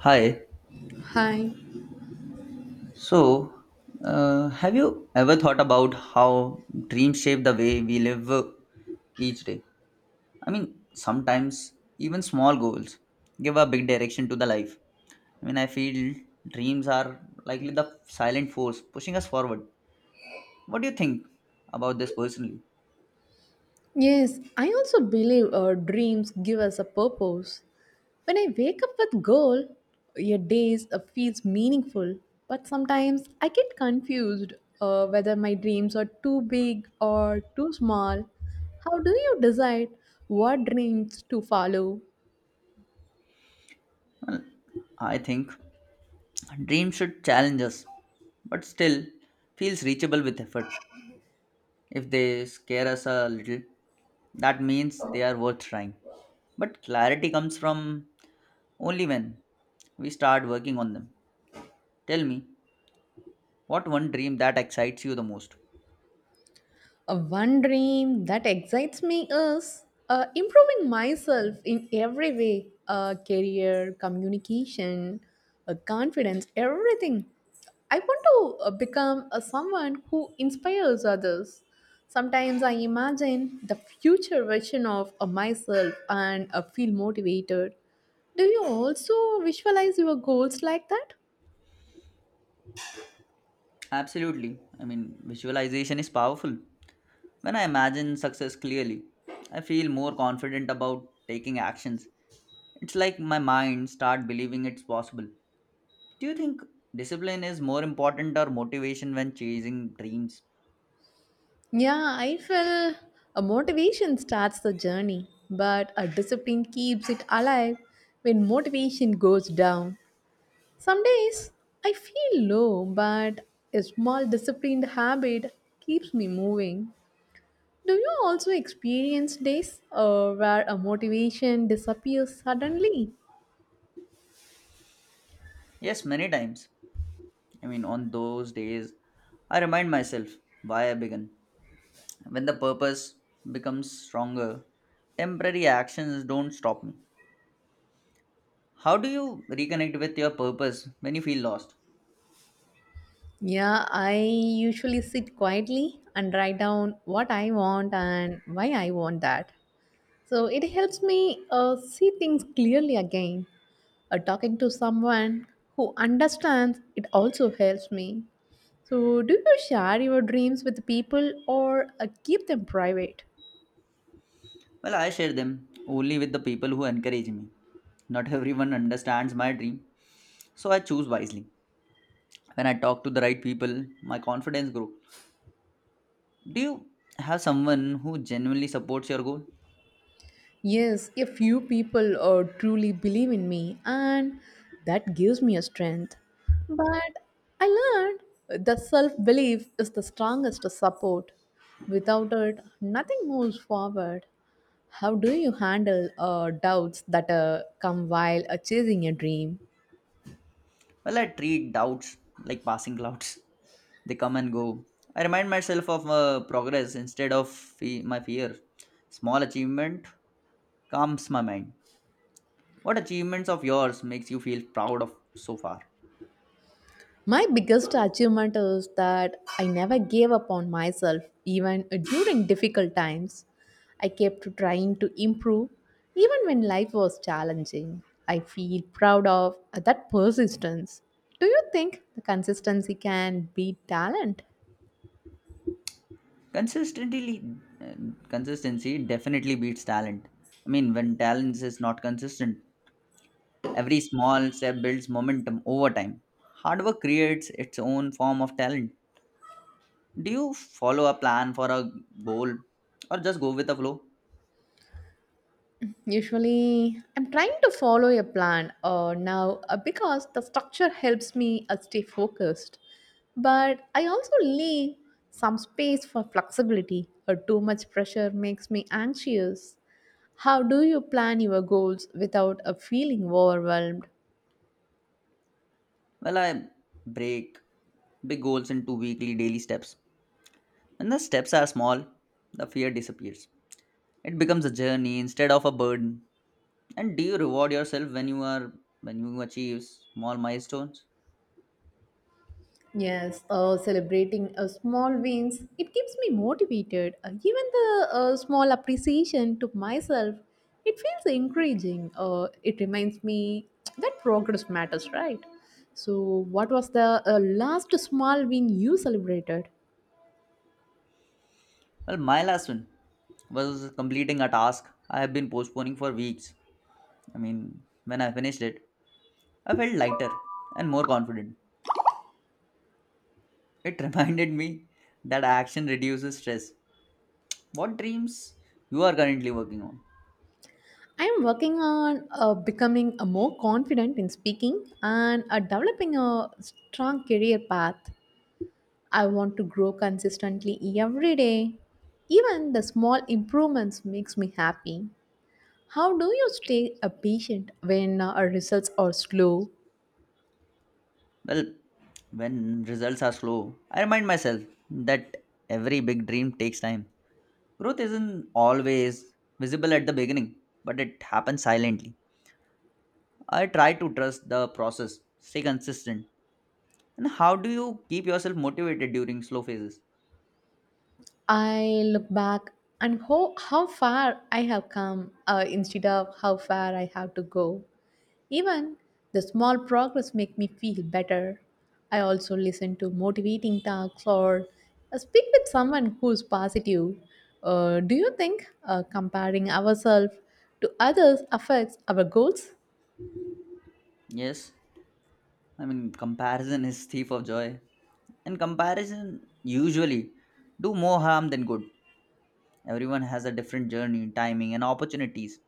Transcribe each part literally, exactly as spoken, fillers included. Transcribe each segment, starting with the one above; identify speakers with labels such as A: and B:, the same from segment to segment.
A: Hi.
B: Hi.
A: So, uh, have you ever thought about how dreams shape the way we live uh, each day? I mean, sometimes even small goals give a big direction to the life. I mean, I feel dreams are likely the silent force pushing us forward. What do you think about this personally?
B: Yes, I also believe our dreams give us a purpose. When I wake up with goal, your days uh, feels meaningful. But sometimes I get confused uh, whether my dreams are too big or too small. How do you decide what dreams to follow?
A: Well, I think dreams should challenge us, but still feels reachable with effort. If they scare us a little, that means they are worth trying. But clarity comes from only when we start working on them. Tell me, what one dream that excites you the most?
B: Uh, one dream that excites me is uh, improving myself in every way uh, career, communication, uh, confidence, everything. I want to uh, become a someone who inspires others. Sometimes I imagine the future version of uh, myself and uh, feel motivated. Do you also visualize your goals like that?
A: Absolutely. I mean, visualization is powerful. When I imagine success clearly, I feel more confident about taking actions. It's like my mind start believing it's possible. Do you think discipline is more important or motivation when chasing dreams?
B: Yeah, I feel a motivation starts the journey, but a discipline keeps it alive when motivation goes down. Some days I feel low, but a small disciplined habit keeps me moving. Do you also experience days uh, where a motivation disappears suddenly?
A: Yes, many times. I mean, on those days, I remind myself why I began. When the purpose becomes stronger, temporary actions don't stop me. How do you reconnect with your purpose when you feel lost?
B: Yeah, I usually sit quietly and write down what I want and why I want that. So it helps me uh, see things clearly again. Uh, talking to someone who understands it also helps me. So, do you share your dreams with people or uh, keep them private?
A: Well, I share them only with the people who encourage me. Not everyone understands my dream, so I choose wisely. When I talk to the right people, my confidence grows. Do you have someone who genuinely supports your goal?
B: Yes, a few people uh, truly believe in me, and that gives me a strength. But I learned that self belief is the strongest support. Without it, nothing moves forward. How do you handle uh, doubts that uh, come while uh, chasing a dream?
A: Well, I treat doubts like passing clouds. They come and go. I remind myself of uh, progress instead of fe- my fear. Small achievement calms my mind. What achievements of yours makes you feel proud of so far?
B: My biggest achievement is that I never gave up on myself, even during difficult times. I kept trying to improve, even when life was challenging. I feel proud of that persistence. Do you think the consistency can beat talent?
A: Consistently, uh, consistency definitely beats talent. I mean, when talent is not consistent, every small step builds momentum over time. Hard work creates its own form of talent. Do you follow a plan for a goal or just go with the flow?
B: Usually, I'm trying to follow a plan uh, now uh, because the structure helps me uh, stay focused. But I also leave some space for flexibility, or too much pressure makes me anxious. How do you plan your goals without uh, feeling overwhelmed?
A: Well, I break big goals into weekly daily steps. When the steps are small, the fear disappears. It becomes a journey instead of a burden. And do you reward yourself when you are when you achieve small milestones?
B: Yes, uh, celebrating uh, small wins, it keeps me motivated. Uh, even the uh, small appreciation to myself, it feels encouraging. Uh, it reminds me that progress matters, right? So, what was the uh, last small win you celebrated?
A: Well, my last one was completing a task I have been postponing for weeks. I mean, when I finished it, I felt lighter and more confident. It reminded me that action reduces stress. What dreams you are currently working on?
B: I am working on uh, becoming a more confident in speaking and uh, developing a strong career path. I want to grow consistently every day. Even the small improvements makes me happy. How do you stay a patient when uh, our results are slow?
A: Well, when results are slow, I remind myself that every big dream takes time. Growth isn't always visible at the beginning, but it happens silently. I try to trust the process, stay consistent. And how do you keep yourself motivated during slow phases?
B: I look back and how, how far I have come uh, instead of how far I have to go. Even the small progress make me feel better. I also listen to motivating talks or uh, speak with someone who's positive. Uh, do you think uh, comparing ourselves to others affects our goals?
A: Yes, I mean, comparison is thief of joy. And comparison usually do more harm than good. Everyone has a different journey, timing, and opportunities.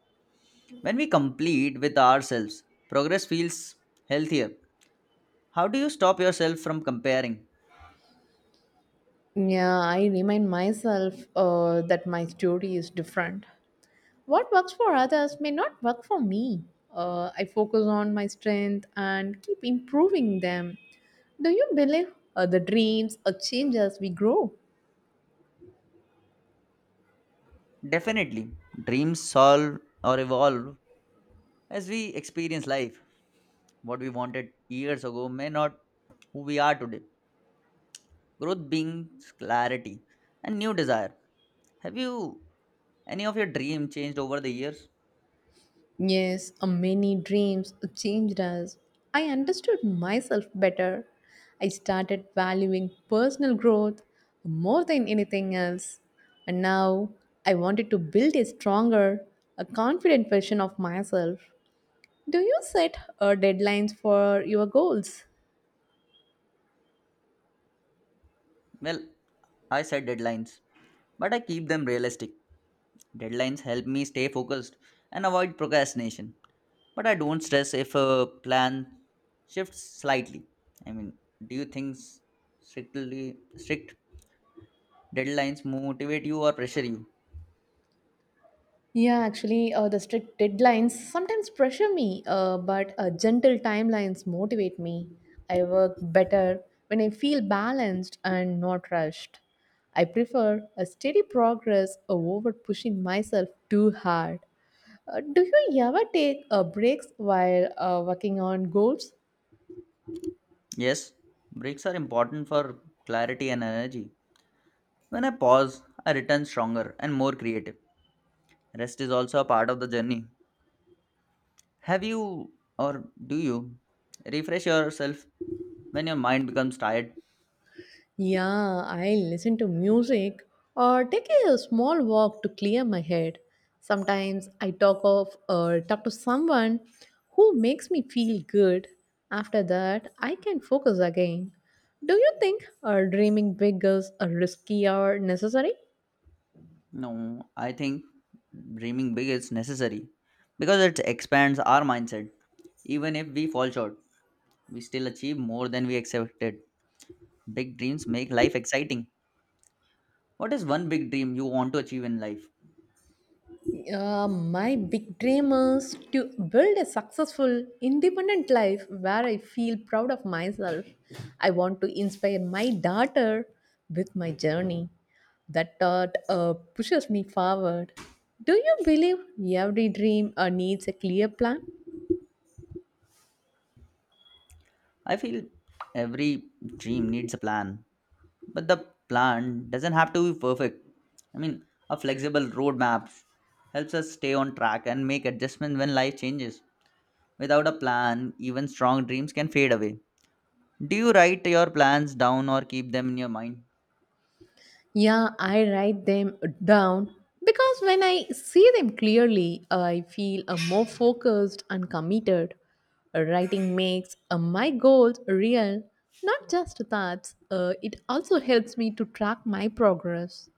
A: When we complete with ourselves, progress feels healthier. How do you stop yourself from comparing?
B: Yeah, I remind myself uh, that my story is different. What works for others may not work for me. Uh, I focus on my strength and keep improving them. Do you believe uh, the dreams or change as we grow?
A: Definitely, dreams solve or evolve as we experience life. What we wanted years ago may not who we are today. Growth brings clarity and new desire. Have you any of your dream changed over the years?
B: Yes, uh, many dreams changed us. I understood myself better. I started valuing personal growth more than anything else. And now I wanted to build a stronger, a confident version of myself. Do you set uh, deadlines for your goals?
A: Well, I set deadlines, but I keep them realistic. Deadlines help me stay focused and avoid procrastination. But I don't stress if a plan shifts slightly. I mean, do you think s- strictly strict deadlines motivate you or pressure you?
B: Yeah, actually, uh, the strict deadlines sometimes pressure me, uh, but uh, gentle timelines motivate me. I work better when I feel balanced and not rushed. I prefer a steady progress over pushing myself too hard. Uh, do you ever take uh, breaks while uh, working on goals?
A: Yes, breaks are important for clarity and energy. When I pause, I return stronger and more creative. Rest is also a part of the journey. Have you or Do you refresh yourself when your mind becomes tired?
B: Yeah, I listen to music or take a small walk to clear my head. Sometimes I talk of or talk to someone who makes me feel good. After that, I can focus again. Do you think uh, dreaming big is uh, risky or necessary?
A: No, I think dreaming big is necessary because it expands our mindset. Even if we fall short, we still achieve more than we expected. Big dreams make life exciting. What is one big dream you want to achieve in life?
B: Uh, my big dream is to build a successful, independent life where I feel proud of myself. I want to inspire my daughter with my journey. That thought uh, pushes me forward. Do you believe every dream uh, needs a clear plan?
A: I feel every dream needs a plan, but the plan doesn't have to be perfect. I mean, a flexible roadmap helps us stay on track and make adjustments when life changes. Without a plan, even strong dreams can fade away. Do you write your plans down or keep them in your mind?
B: Yeah, I write them down because when I see them clearly, I feel uh, more focused and committed. Writing makes uh, my goals real, not just thoughts. Uh, it also helps me to track my progress.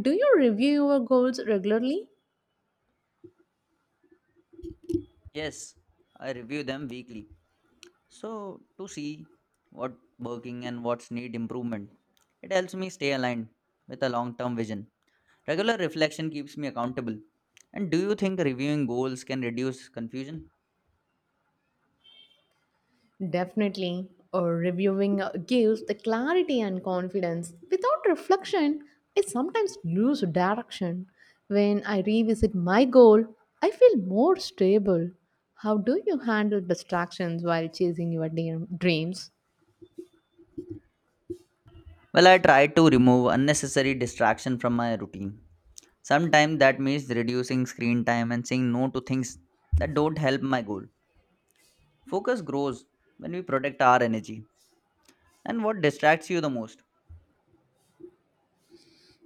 B: Do you review your goals regularly?
A: Yes, I review them weekly. So, to see what working and what's need improvement, it helps me stay aligned with a long term vision. Regular reflection keeps me accountable. And do you think reviewing goals can reduce confusion?
B: Definitely. Or reviewing uh, gives the clarity and confidence. Without reflection, I sometimes lose direction. When I revisit my goal, I feel more stable. How do you handle distractions while chasing your dream- dreams?
A: Well, I try to remove unnecessary distraction from my routine. Sometimes that means reducing screen time and saying no to things that don't help my goal. Focus grows when we protect our energy. And what distracts you the most?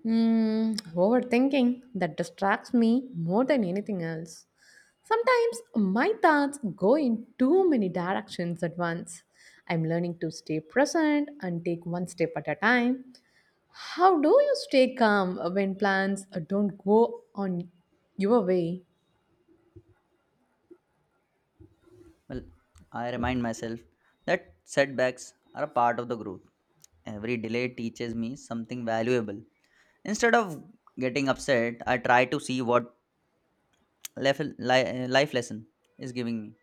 B: Hmm, overthinking that distracts me more than anything else. Sometimes my thoughts go in too many directions at once. I'm learning to stay present and take one step at a time. How do you stay calm when plans don't go on your way?
A: Well, I remind myself that setbacks are a part of the growth. Every delay teaches me something valuable. Instead of getting upset, I try to see what life, li- life lesson is giving me.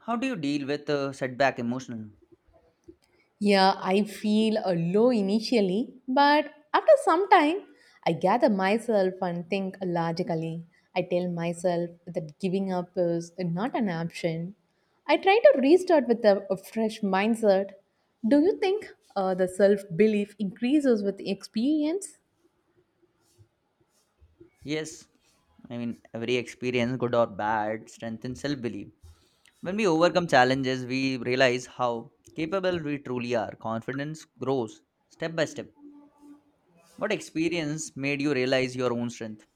A: How do you deal with uh, setback emotionally?
B: Yeah, I feel uh, low initially, but after some time, I gather myself and think logically. I tell myself that giving up is not an option. I try to restart with a, a fresh mindset. Do you think uh, the self belief increases with experience?
A: Yes, I mean, every experience, good or bad, strengthens self belief. When we overcome challenges, we realize how capable we truly are. Confidence grows step by step. What experience made you realize your own strength?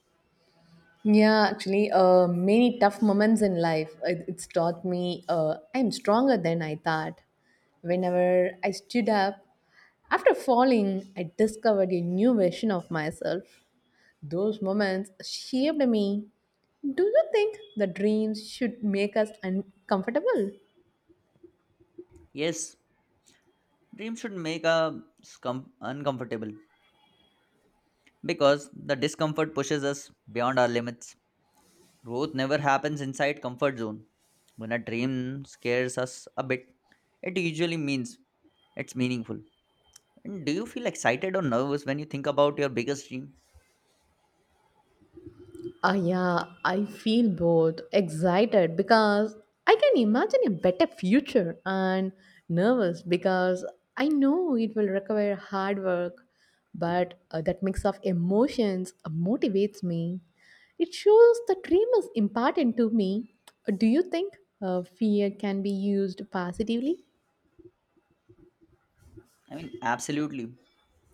B: Yeah, actually, uh, many tough moments in life. It, it's taught me uh, I'm stronger than I thought. Whenever I stood up, after falling, I discovered a new version of myself. Those moments shaped me. Do you think the dreams should make us uncomfortable?
A: Yes, dreams should make us com- uncomfortable, because the discomfort pushes us beyond our limits. Growth never happens inside comfort zone. When a dream scares us a bit, it usually means it's meaningful. And do you feel excited or nervous when you think about your biggest dream?
B: Ah, yeah, I feel both excited because I can imagine a better future and nervous because I know it will require hard work, but uh, that mix of emotions motivates me. It shows the dream is important to me. Do you think uh, fear can be used positively?
A: I mean, absolutely.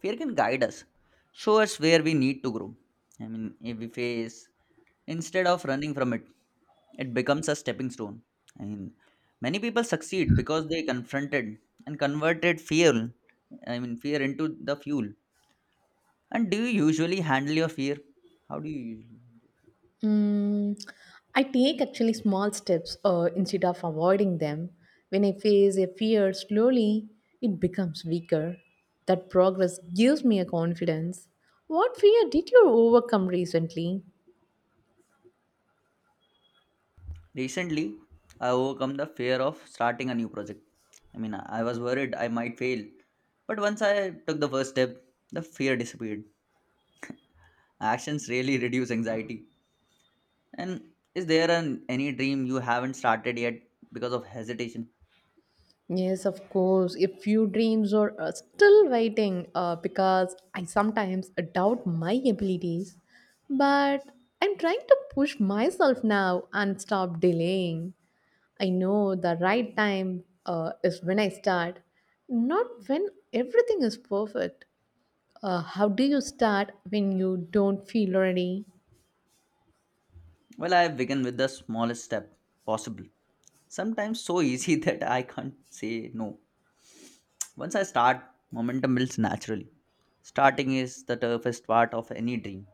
A: Fear can guide us, show us where we need to grow. I mean, if we face instead of running from it, it becomes a stepping stone. I mean, many people succeed because they confronted and converted fear, I mean, fear into the fuel. And do you usually handle your fear? How do you usually?
B: Mm, I take actually small steps uh, instead of avoiding them. When I face a fear slowly, it becomes weaker. That progress gives me a confidence. What fear did you overcome recently?
A: Recently, I overcome the fear of starting a new project. I mean, I I was worried I might fail, but once I took the first step, the fear disappeared. Actions really reduce anxiety. And is there an, any dream you haven't started yet because of hesitation?
B: Yes, of course. A few dreams are uh, still waiting uh, because I sometimes doubt my abilities. But I'm trying to push myself now and stop delaying. I know the right time uh, is when I start, not when everything is perfect. Uh, how do you start when you don't feel ready?
A: Well, I begin with the smallest step possible. Sometimes so easy that I can't say no. Once I start, momentum builds naturally. Starting is the toughest part of any dream.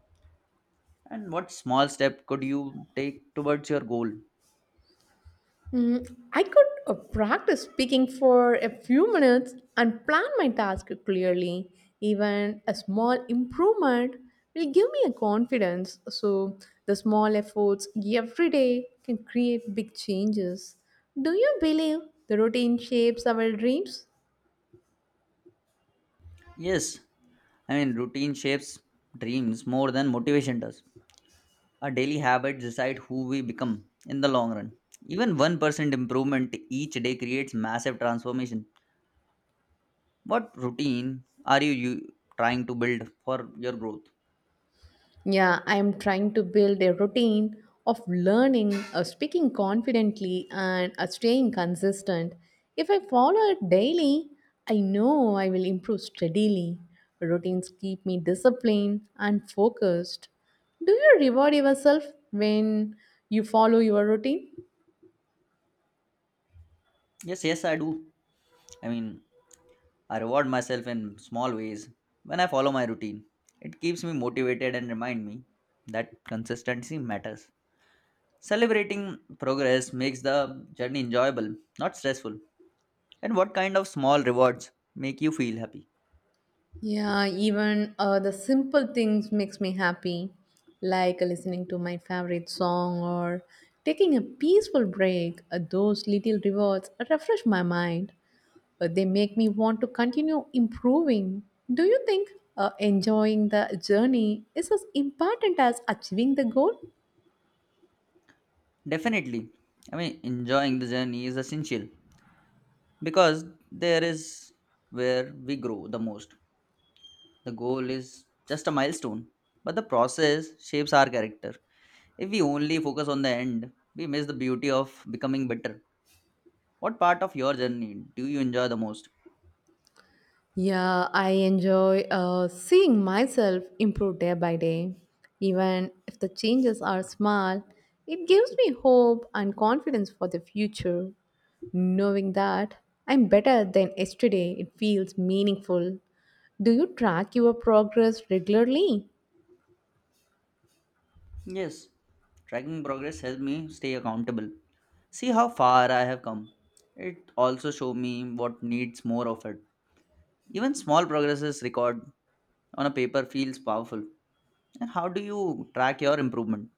A: And what small step could you take towards your goal?
B: Mm, I could uh, practice speaking for a few minutes and plan my task clearly. Even a small improvement will give me a confidence. So, the small efforts every day can create big changes. Do you believe the routine shapes our dreams?
A: Yes, I mean, routine shapes dreams more than motivation does. Our daily habits decide who we become in the long run. Even one percent improvement each day creates massive transformation. What routine are you, you trying to build for your growth?
B: Yeah, I'm trying to build a routine of learning, of speaking confidently, and of staying consistent. If I follow it daily, I know I will improve steadily. Routines keep me disciplined and focused. Do you reward yourself when you follow your routine?
A: Yes, yes, I do. I mean, I reward myself in small ways when I follow my routine. It keeps me motivated and remind me that consistency matters. Celebrating progress makes the journey enjoyable, not stressful. And what kind of small rewards make you feel happy?
B: Yeah, even uh, the simple things makes me happy, like listening to my favorite song or taking a peaceful break. Uh, those little rewards refresh my mind. Uh, they make me want to continue improving. Do you think uh, enjoying the journey is as important as achieving the goal?
A: Definitely. I mean, enjoying the journey is essential because there is where we grow the most. The goal is just a milestone, but the process shapes our character. If we only focus on the end, we miss the beauty of becoming better. What part of your journey do you enjoy the most?
B: Yeah, I enjoy uh, seeing myself improve day by day. Even if the changes are small, it gives me hope and confidence for the future. Knowing that I'm better than yesterday, it feels meaningful. Do you track your progress regularly?
A: Yes, tracking progress helps me stay accountable. See how far I have come. It also shows me what needs more of it. Even small progresses recorded on a paper feels powerful. And how do you track your improvement?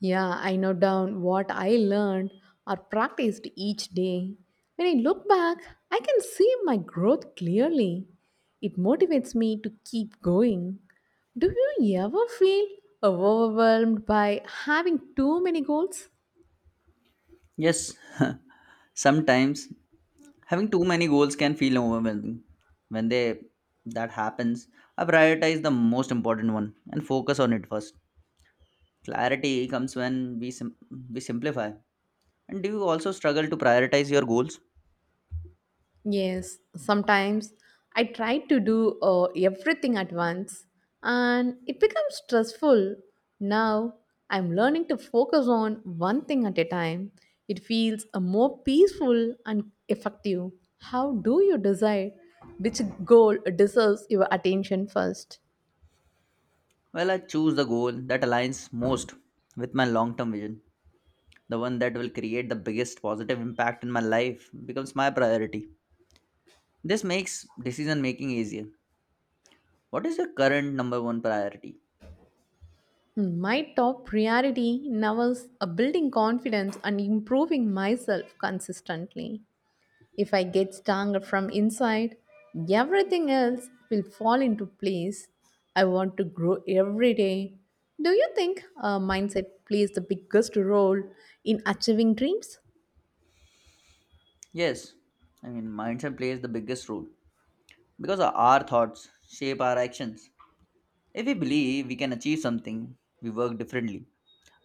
B: Yeah, I note down what I learned or practiced each day. When I look back, I can see my growth clearly. It motivates me to keep going. Do you ever feel overwhelmed by having too many goals?
A: Yes, sometimes having too many goals can feel overwhelming. When they that happens, I prioritize the most important one and focus on it first. Clarity comes when we sim- we simplify. And do you also struggle to prioritize your goals?
B: Yes, sometimes I try to do uh, everything at once and it becomes stressful. Now I'm learning to focus on one thing at a time. It feels uh, more peaceful and effective. How do you decide which goal deserves your attention first?
A: Well, I choose the goal that aligns most with my long-term vision. The one that will create the biggest positive impact in my life becomes my priority. This makes decision making easier. What is your current number one priority?
B: Hmm, my top priority now is uh, building confidence and improving myself consistently. If I get stronger from inside, everything else will fall into place. I want to grow every day. Do you think uh, mindset plays the biggest role in achieving dreams?
A: Yes, I mean mindset plays the biggest role, because our thoughts shape our actions. If we believe we can achieve something, we work differently.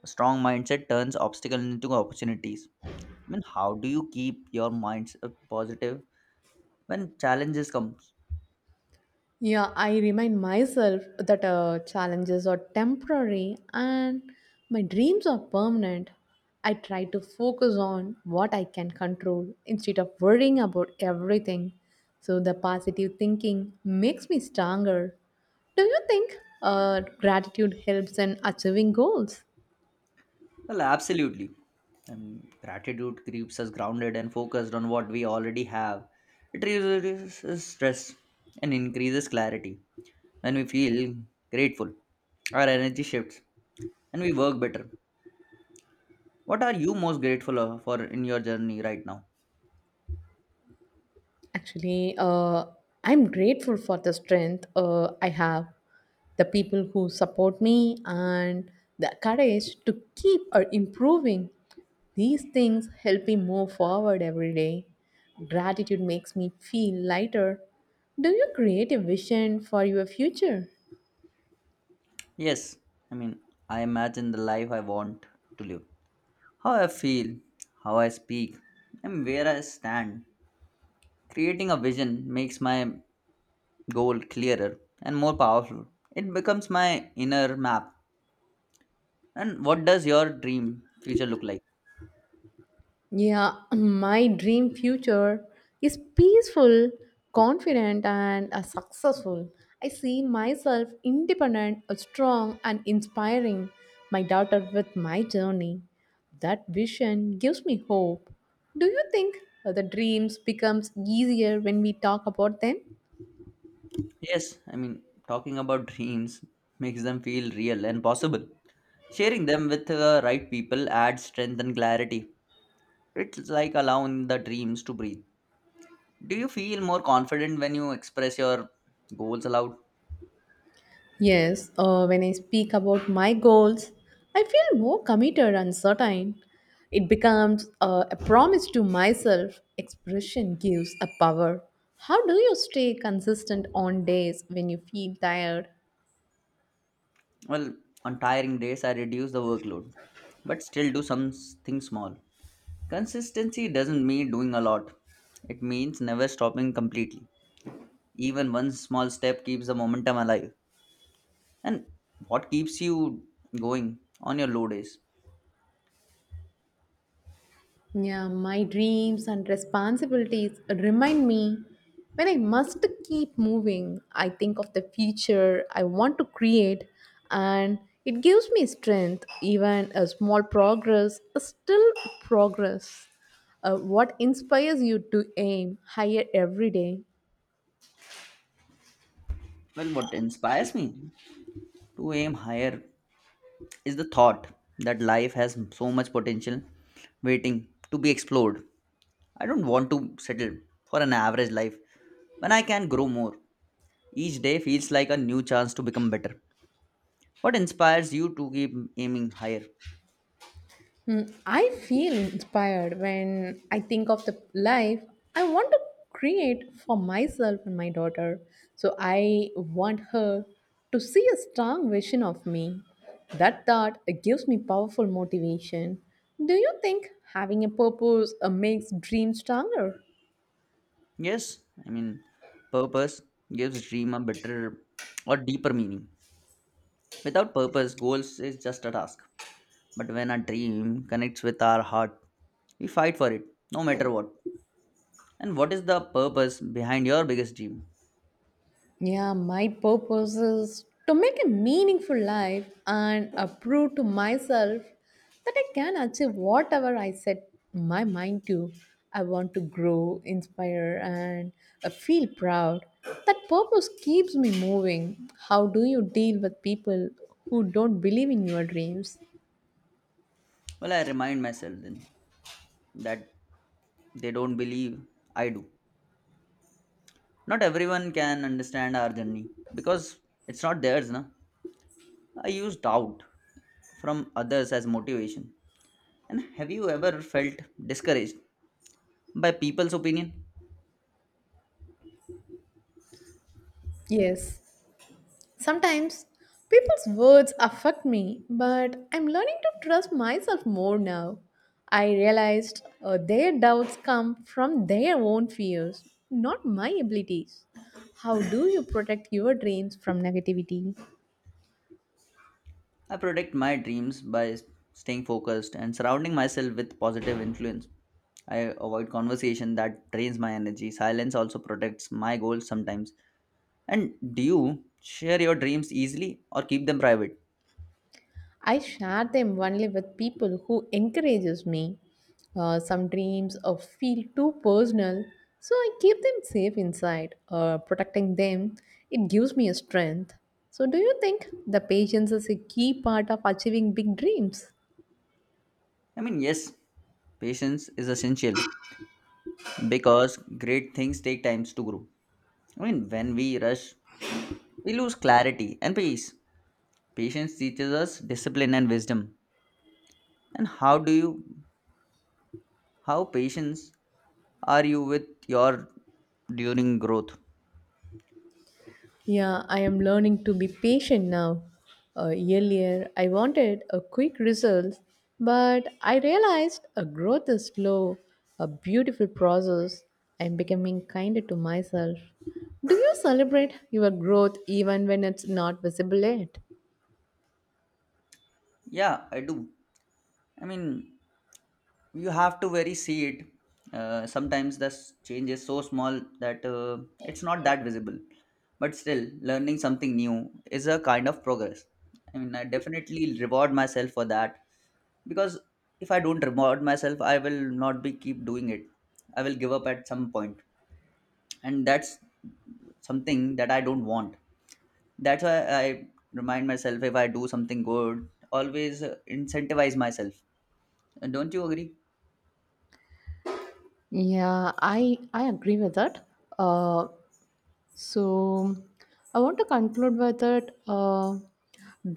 A: A strong mindset turns obstacles into opportunities. I mean, how do you keep your minds uh, positive when challenges come?
B: Yeah, I remind myself that uh, challenges are temporary and my dreams are permanent. I try to focus on what I can control instead of worrying about everything. So, the positive thinking makes me stronger. Do you think uh, gratitude helps in achieving goals?
A: Well, absolutely. And gratitude keeps us grounded and focused on what we already have. It reduces stress and increases clarity. When we feel grateful, our energy shifts and we work better. What are you most grateful of- for in your journey right now?
B: Actually, uh, I'm grateful for the strength uh, I have, the people who support me, and the courage to keep or improving. These things help me move forward every day. Gratitude makes me feel lighter. Do you create a vision for your future?
A: Yes, I mean, I imagine the life I want to live. How I feel, how I speak, and where I stand. Creating a vision makes my goal clearer and more powerful. It becomes my inner map. And what does your dream future look like?
B: Yeah, my dream future is peaceful, confident, and uh, successful. I see myself independent, uh, strong, and inspiring my daughter with my journey. That vision gives me hope. Do you think uh, the dreams becomes easier when we talk about them?
A: Yes, I mean, talking about dreams makes them feel real and possible. Sharing them with the right people adds strength and clarity. It's like allowing the dreams to breathe. Do you feel more confident when you express your goals aloud?
B: Yes, uh, when I speak about my goals, I feel more committed and certain. It becomes uh, a promise to myself. Expression gives a power. How do you stay consistent on days when you feel tired?
A: Well, on tiring days, I reduce the workload, but still do something small. Consistency doesn't mean doing a lot, it means never stopping completely. Even one small step keeps the momentum alive. And what keeps you going on your low days?
B: Yeah, my dreams and responsibilities remind me when I must keep moving. I think of the future I want to create, and it gives me strength. Even a small progress is still progress. Uh, what inspires you to aim higher every day?
A: Well, what inspires me to aim higher is the thought that life has so much potential waiting to be explored. I don't want to settle for an average life when I can grow more. Each day feels like a new chance to become better. What inspires you to keep aiming higher?
B: Hmm, I feel inspired when I think of the life I want to create for myself and my daughter. So I want her to see a strong vision of me. That thought gives me powerful motivation. Do you think having a purpose uh, makes dreams stronger?
A: Yes, I mean, purpose gives dream a better or deeper meaning. Without purpose, goals is just a task. But when a dream connects with our heart, we fight for it, no matter what. And what is the purpose behind your biggest dream?
B: Yeah, my purpose is to make a meaningful life and uh, prove to myself that I can achieve whatever I set my mind to. I want to grow, inspire, and uh, feel proud. That purpose keeps me moving. How do you deal with people who don't believe in your dreams?
A: Well, I remind myself then that they don't believe, I do. Not everyone can understand our journey because it's not theirs, na? I use doubt from others as motivation. And have you ever felt discouraged by people's opinion?
B: Yes. Sometimes people's words affect me, but I'm learning to trust myself more now. I realized uh, their doubts come from their own fears, not my abilities. How do you protect your dreams from negativity?
A: I protect my dreams by staying focused and surrounding myself with positive influence. I avoid conversation that drains my energy. Silence also protects my goals sometimes. And do you share your dreams easily or keep them private?
B: I share them only with people who encourages me. Uh, some dreams uh, feel too personal, so I keep them safe inside. Uh, protecting them, it gives me a strength. So, do you think the patience is a key part of achieving big dreams?
A: I mean, yes, patience is essential, because great things take times to grow. I mean, when we rush, we lose clarity and peace. Patience teaches us discipline and wisdom. And how do you, how patience are you with your during growth?
B: Yeah, I am learning to be patient now. Uh, earlier, I wanted a quick result, but I realized a growth is slow, a beautiful process. I'm becoming kinder to myself. Do you celebrate your growth even when it's not visible yet?
A: Yeah, I do. I mean, you have to very see it. Uh, sometimes the s- change is so small that uh, it's not that visible. But still, learning something new is a kind of progress. I mean, I definitely reward myself for that, because if I don't reward myself, I will not be keep doing it. I will give up at some point, and that's something that I don't want. That's why I remind myself, if I do something good, always uh, incentivize myself. Uh, don't you agree?
B: Yeah, I I agree with that. Uh, So, I want to conclude with that uh,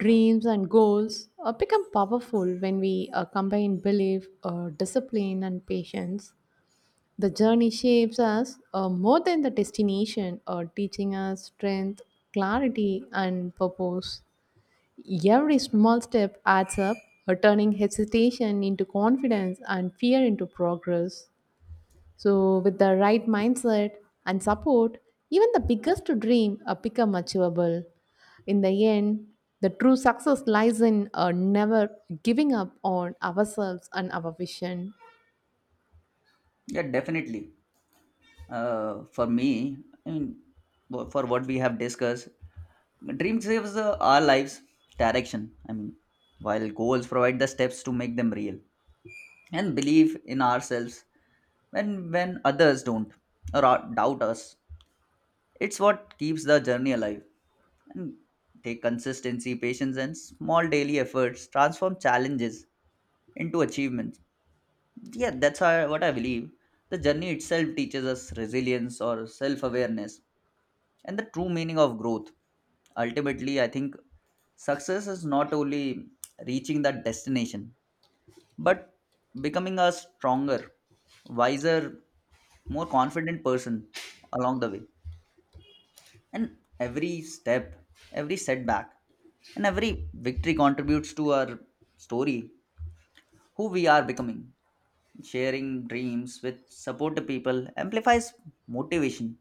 B: dreams and goals uh, become powerful when we uh, combine belief, uh, discipline, and patience. The journey shapes us uh, more than the destination, uh, teaching us strength, clarity, and purpose. Every small step adds up, uh, turning hesitation into confidence and fear into progress. So, with the right mindset and support, even the biggest dream uh, become achievable. In the end, the true success lies in uh, never giving up on ourselves and our vision.
A: Yeah, definitely. uh, for me, I mean, wh- for what we have discussed, dreams saves uh, our lives direction, I mean, while goals provide the steps to make them real, and believe in ourselves when when others don't or are- doubt us. It's what keeps the journey alive. And take consistency, patience, and small daily efforts transform challenges into achievements. Yeah, that's how, what I believe. The journey itself teaches us resilience or self awareness and the true meaning of growth. Ultimately, I think success is not only reaching that destination, but becoming a stronger, wiser, more confident person along the way. And every step, every setback, and every victory contributes to our story, who we are becoming. Sharing dreams with supportive people amplifies motivation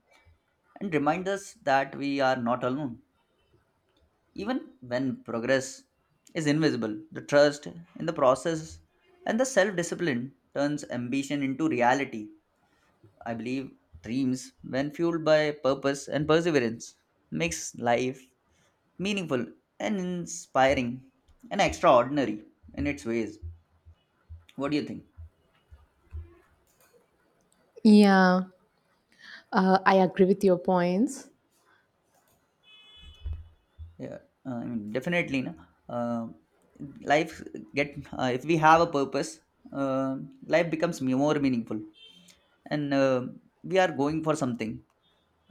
A: and reminds us that we are not alone. Even when progress is invisible, the trust in the process and the self discipline turns ambition into reality. I believe dreams, when fueled by purpose and perseverance, makes life meaningful and inspiring and extraordinary in its ways. What do you think?
B: Yeah, uh, I agree with your points.
A: Yeah, uh, I mean, definitely, no. Uh, Life get, uh, if we have a purpose, uh, life becomes more meaningful, and uh, we are going for something.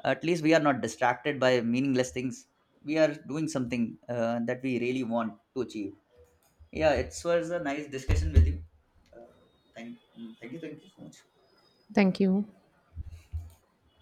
A: At least we are not distracted by meaningless things. We are doing something uh, that we really want to achieve. Yeah, it was a nice discussion with you. Uh, thank, Thank you, thank you so much.
B: Thank you.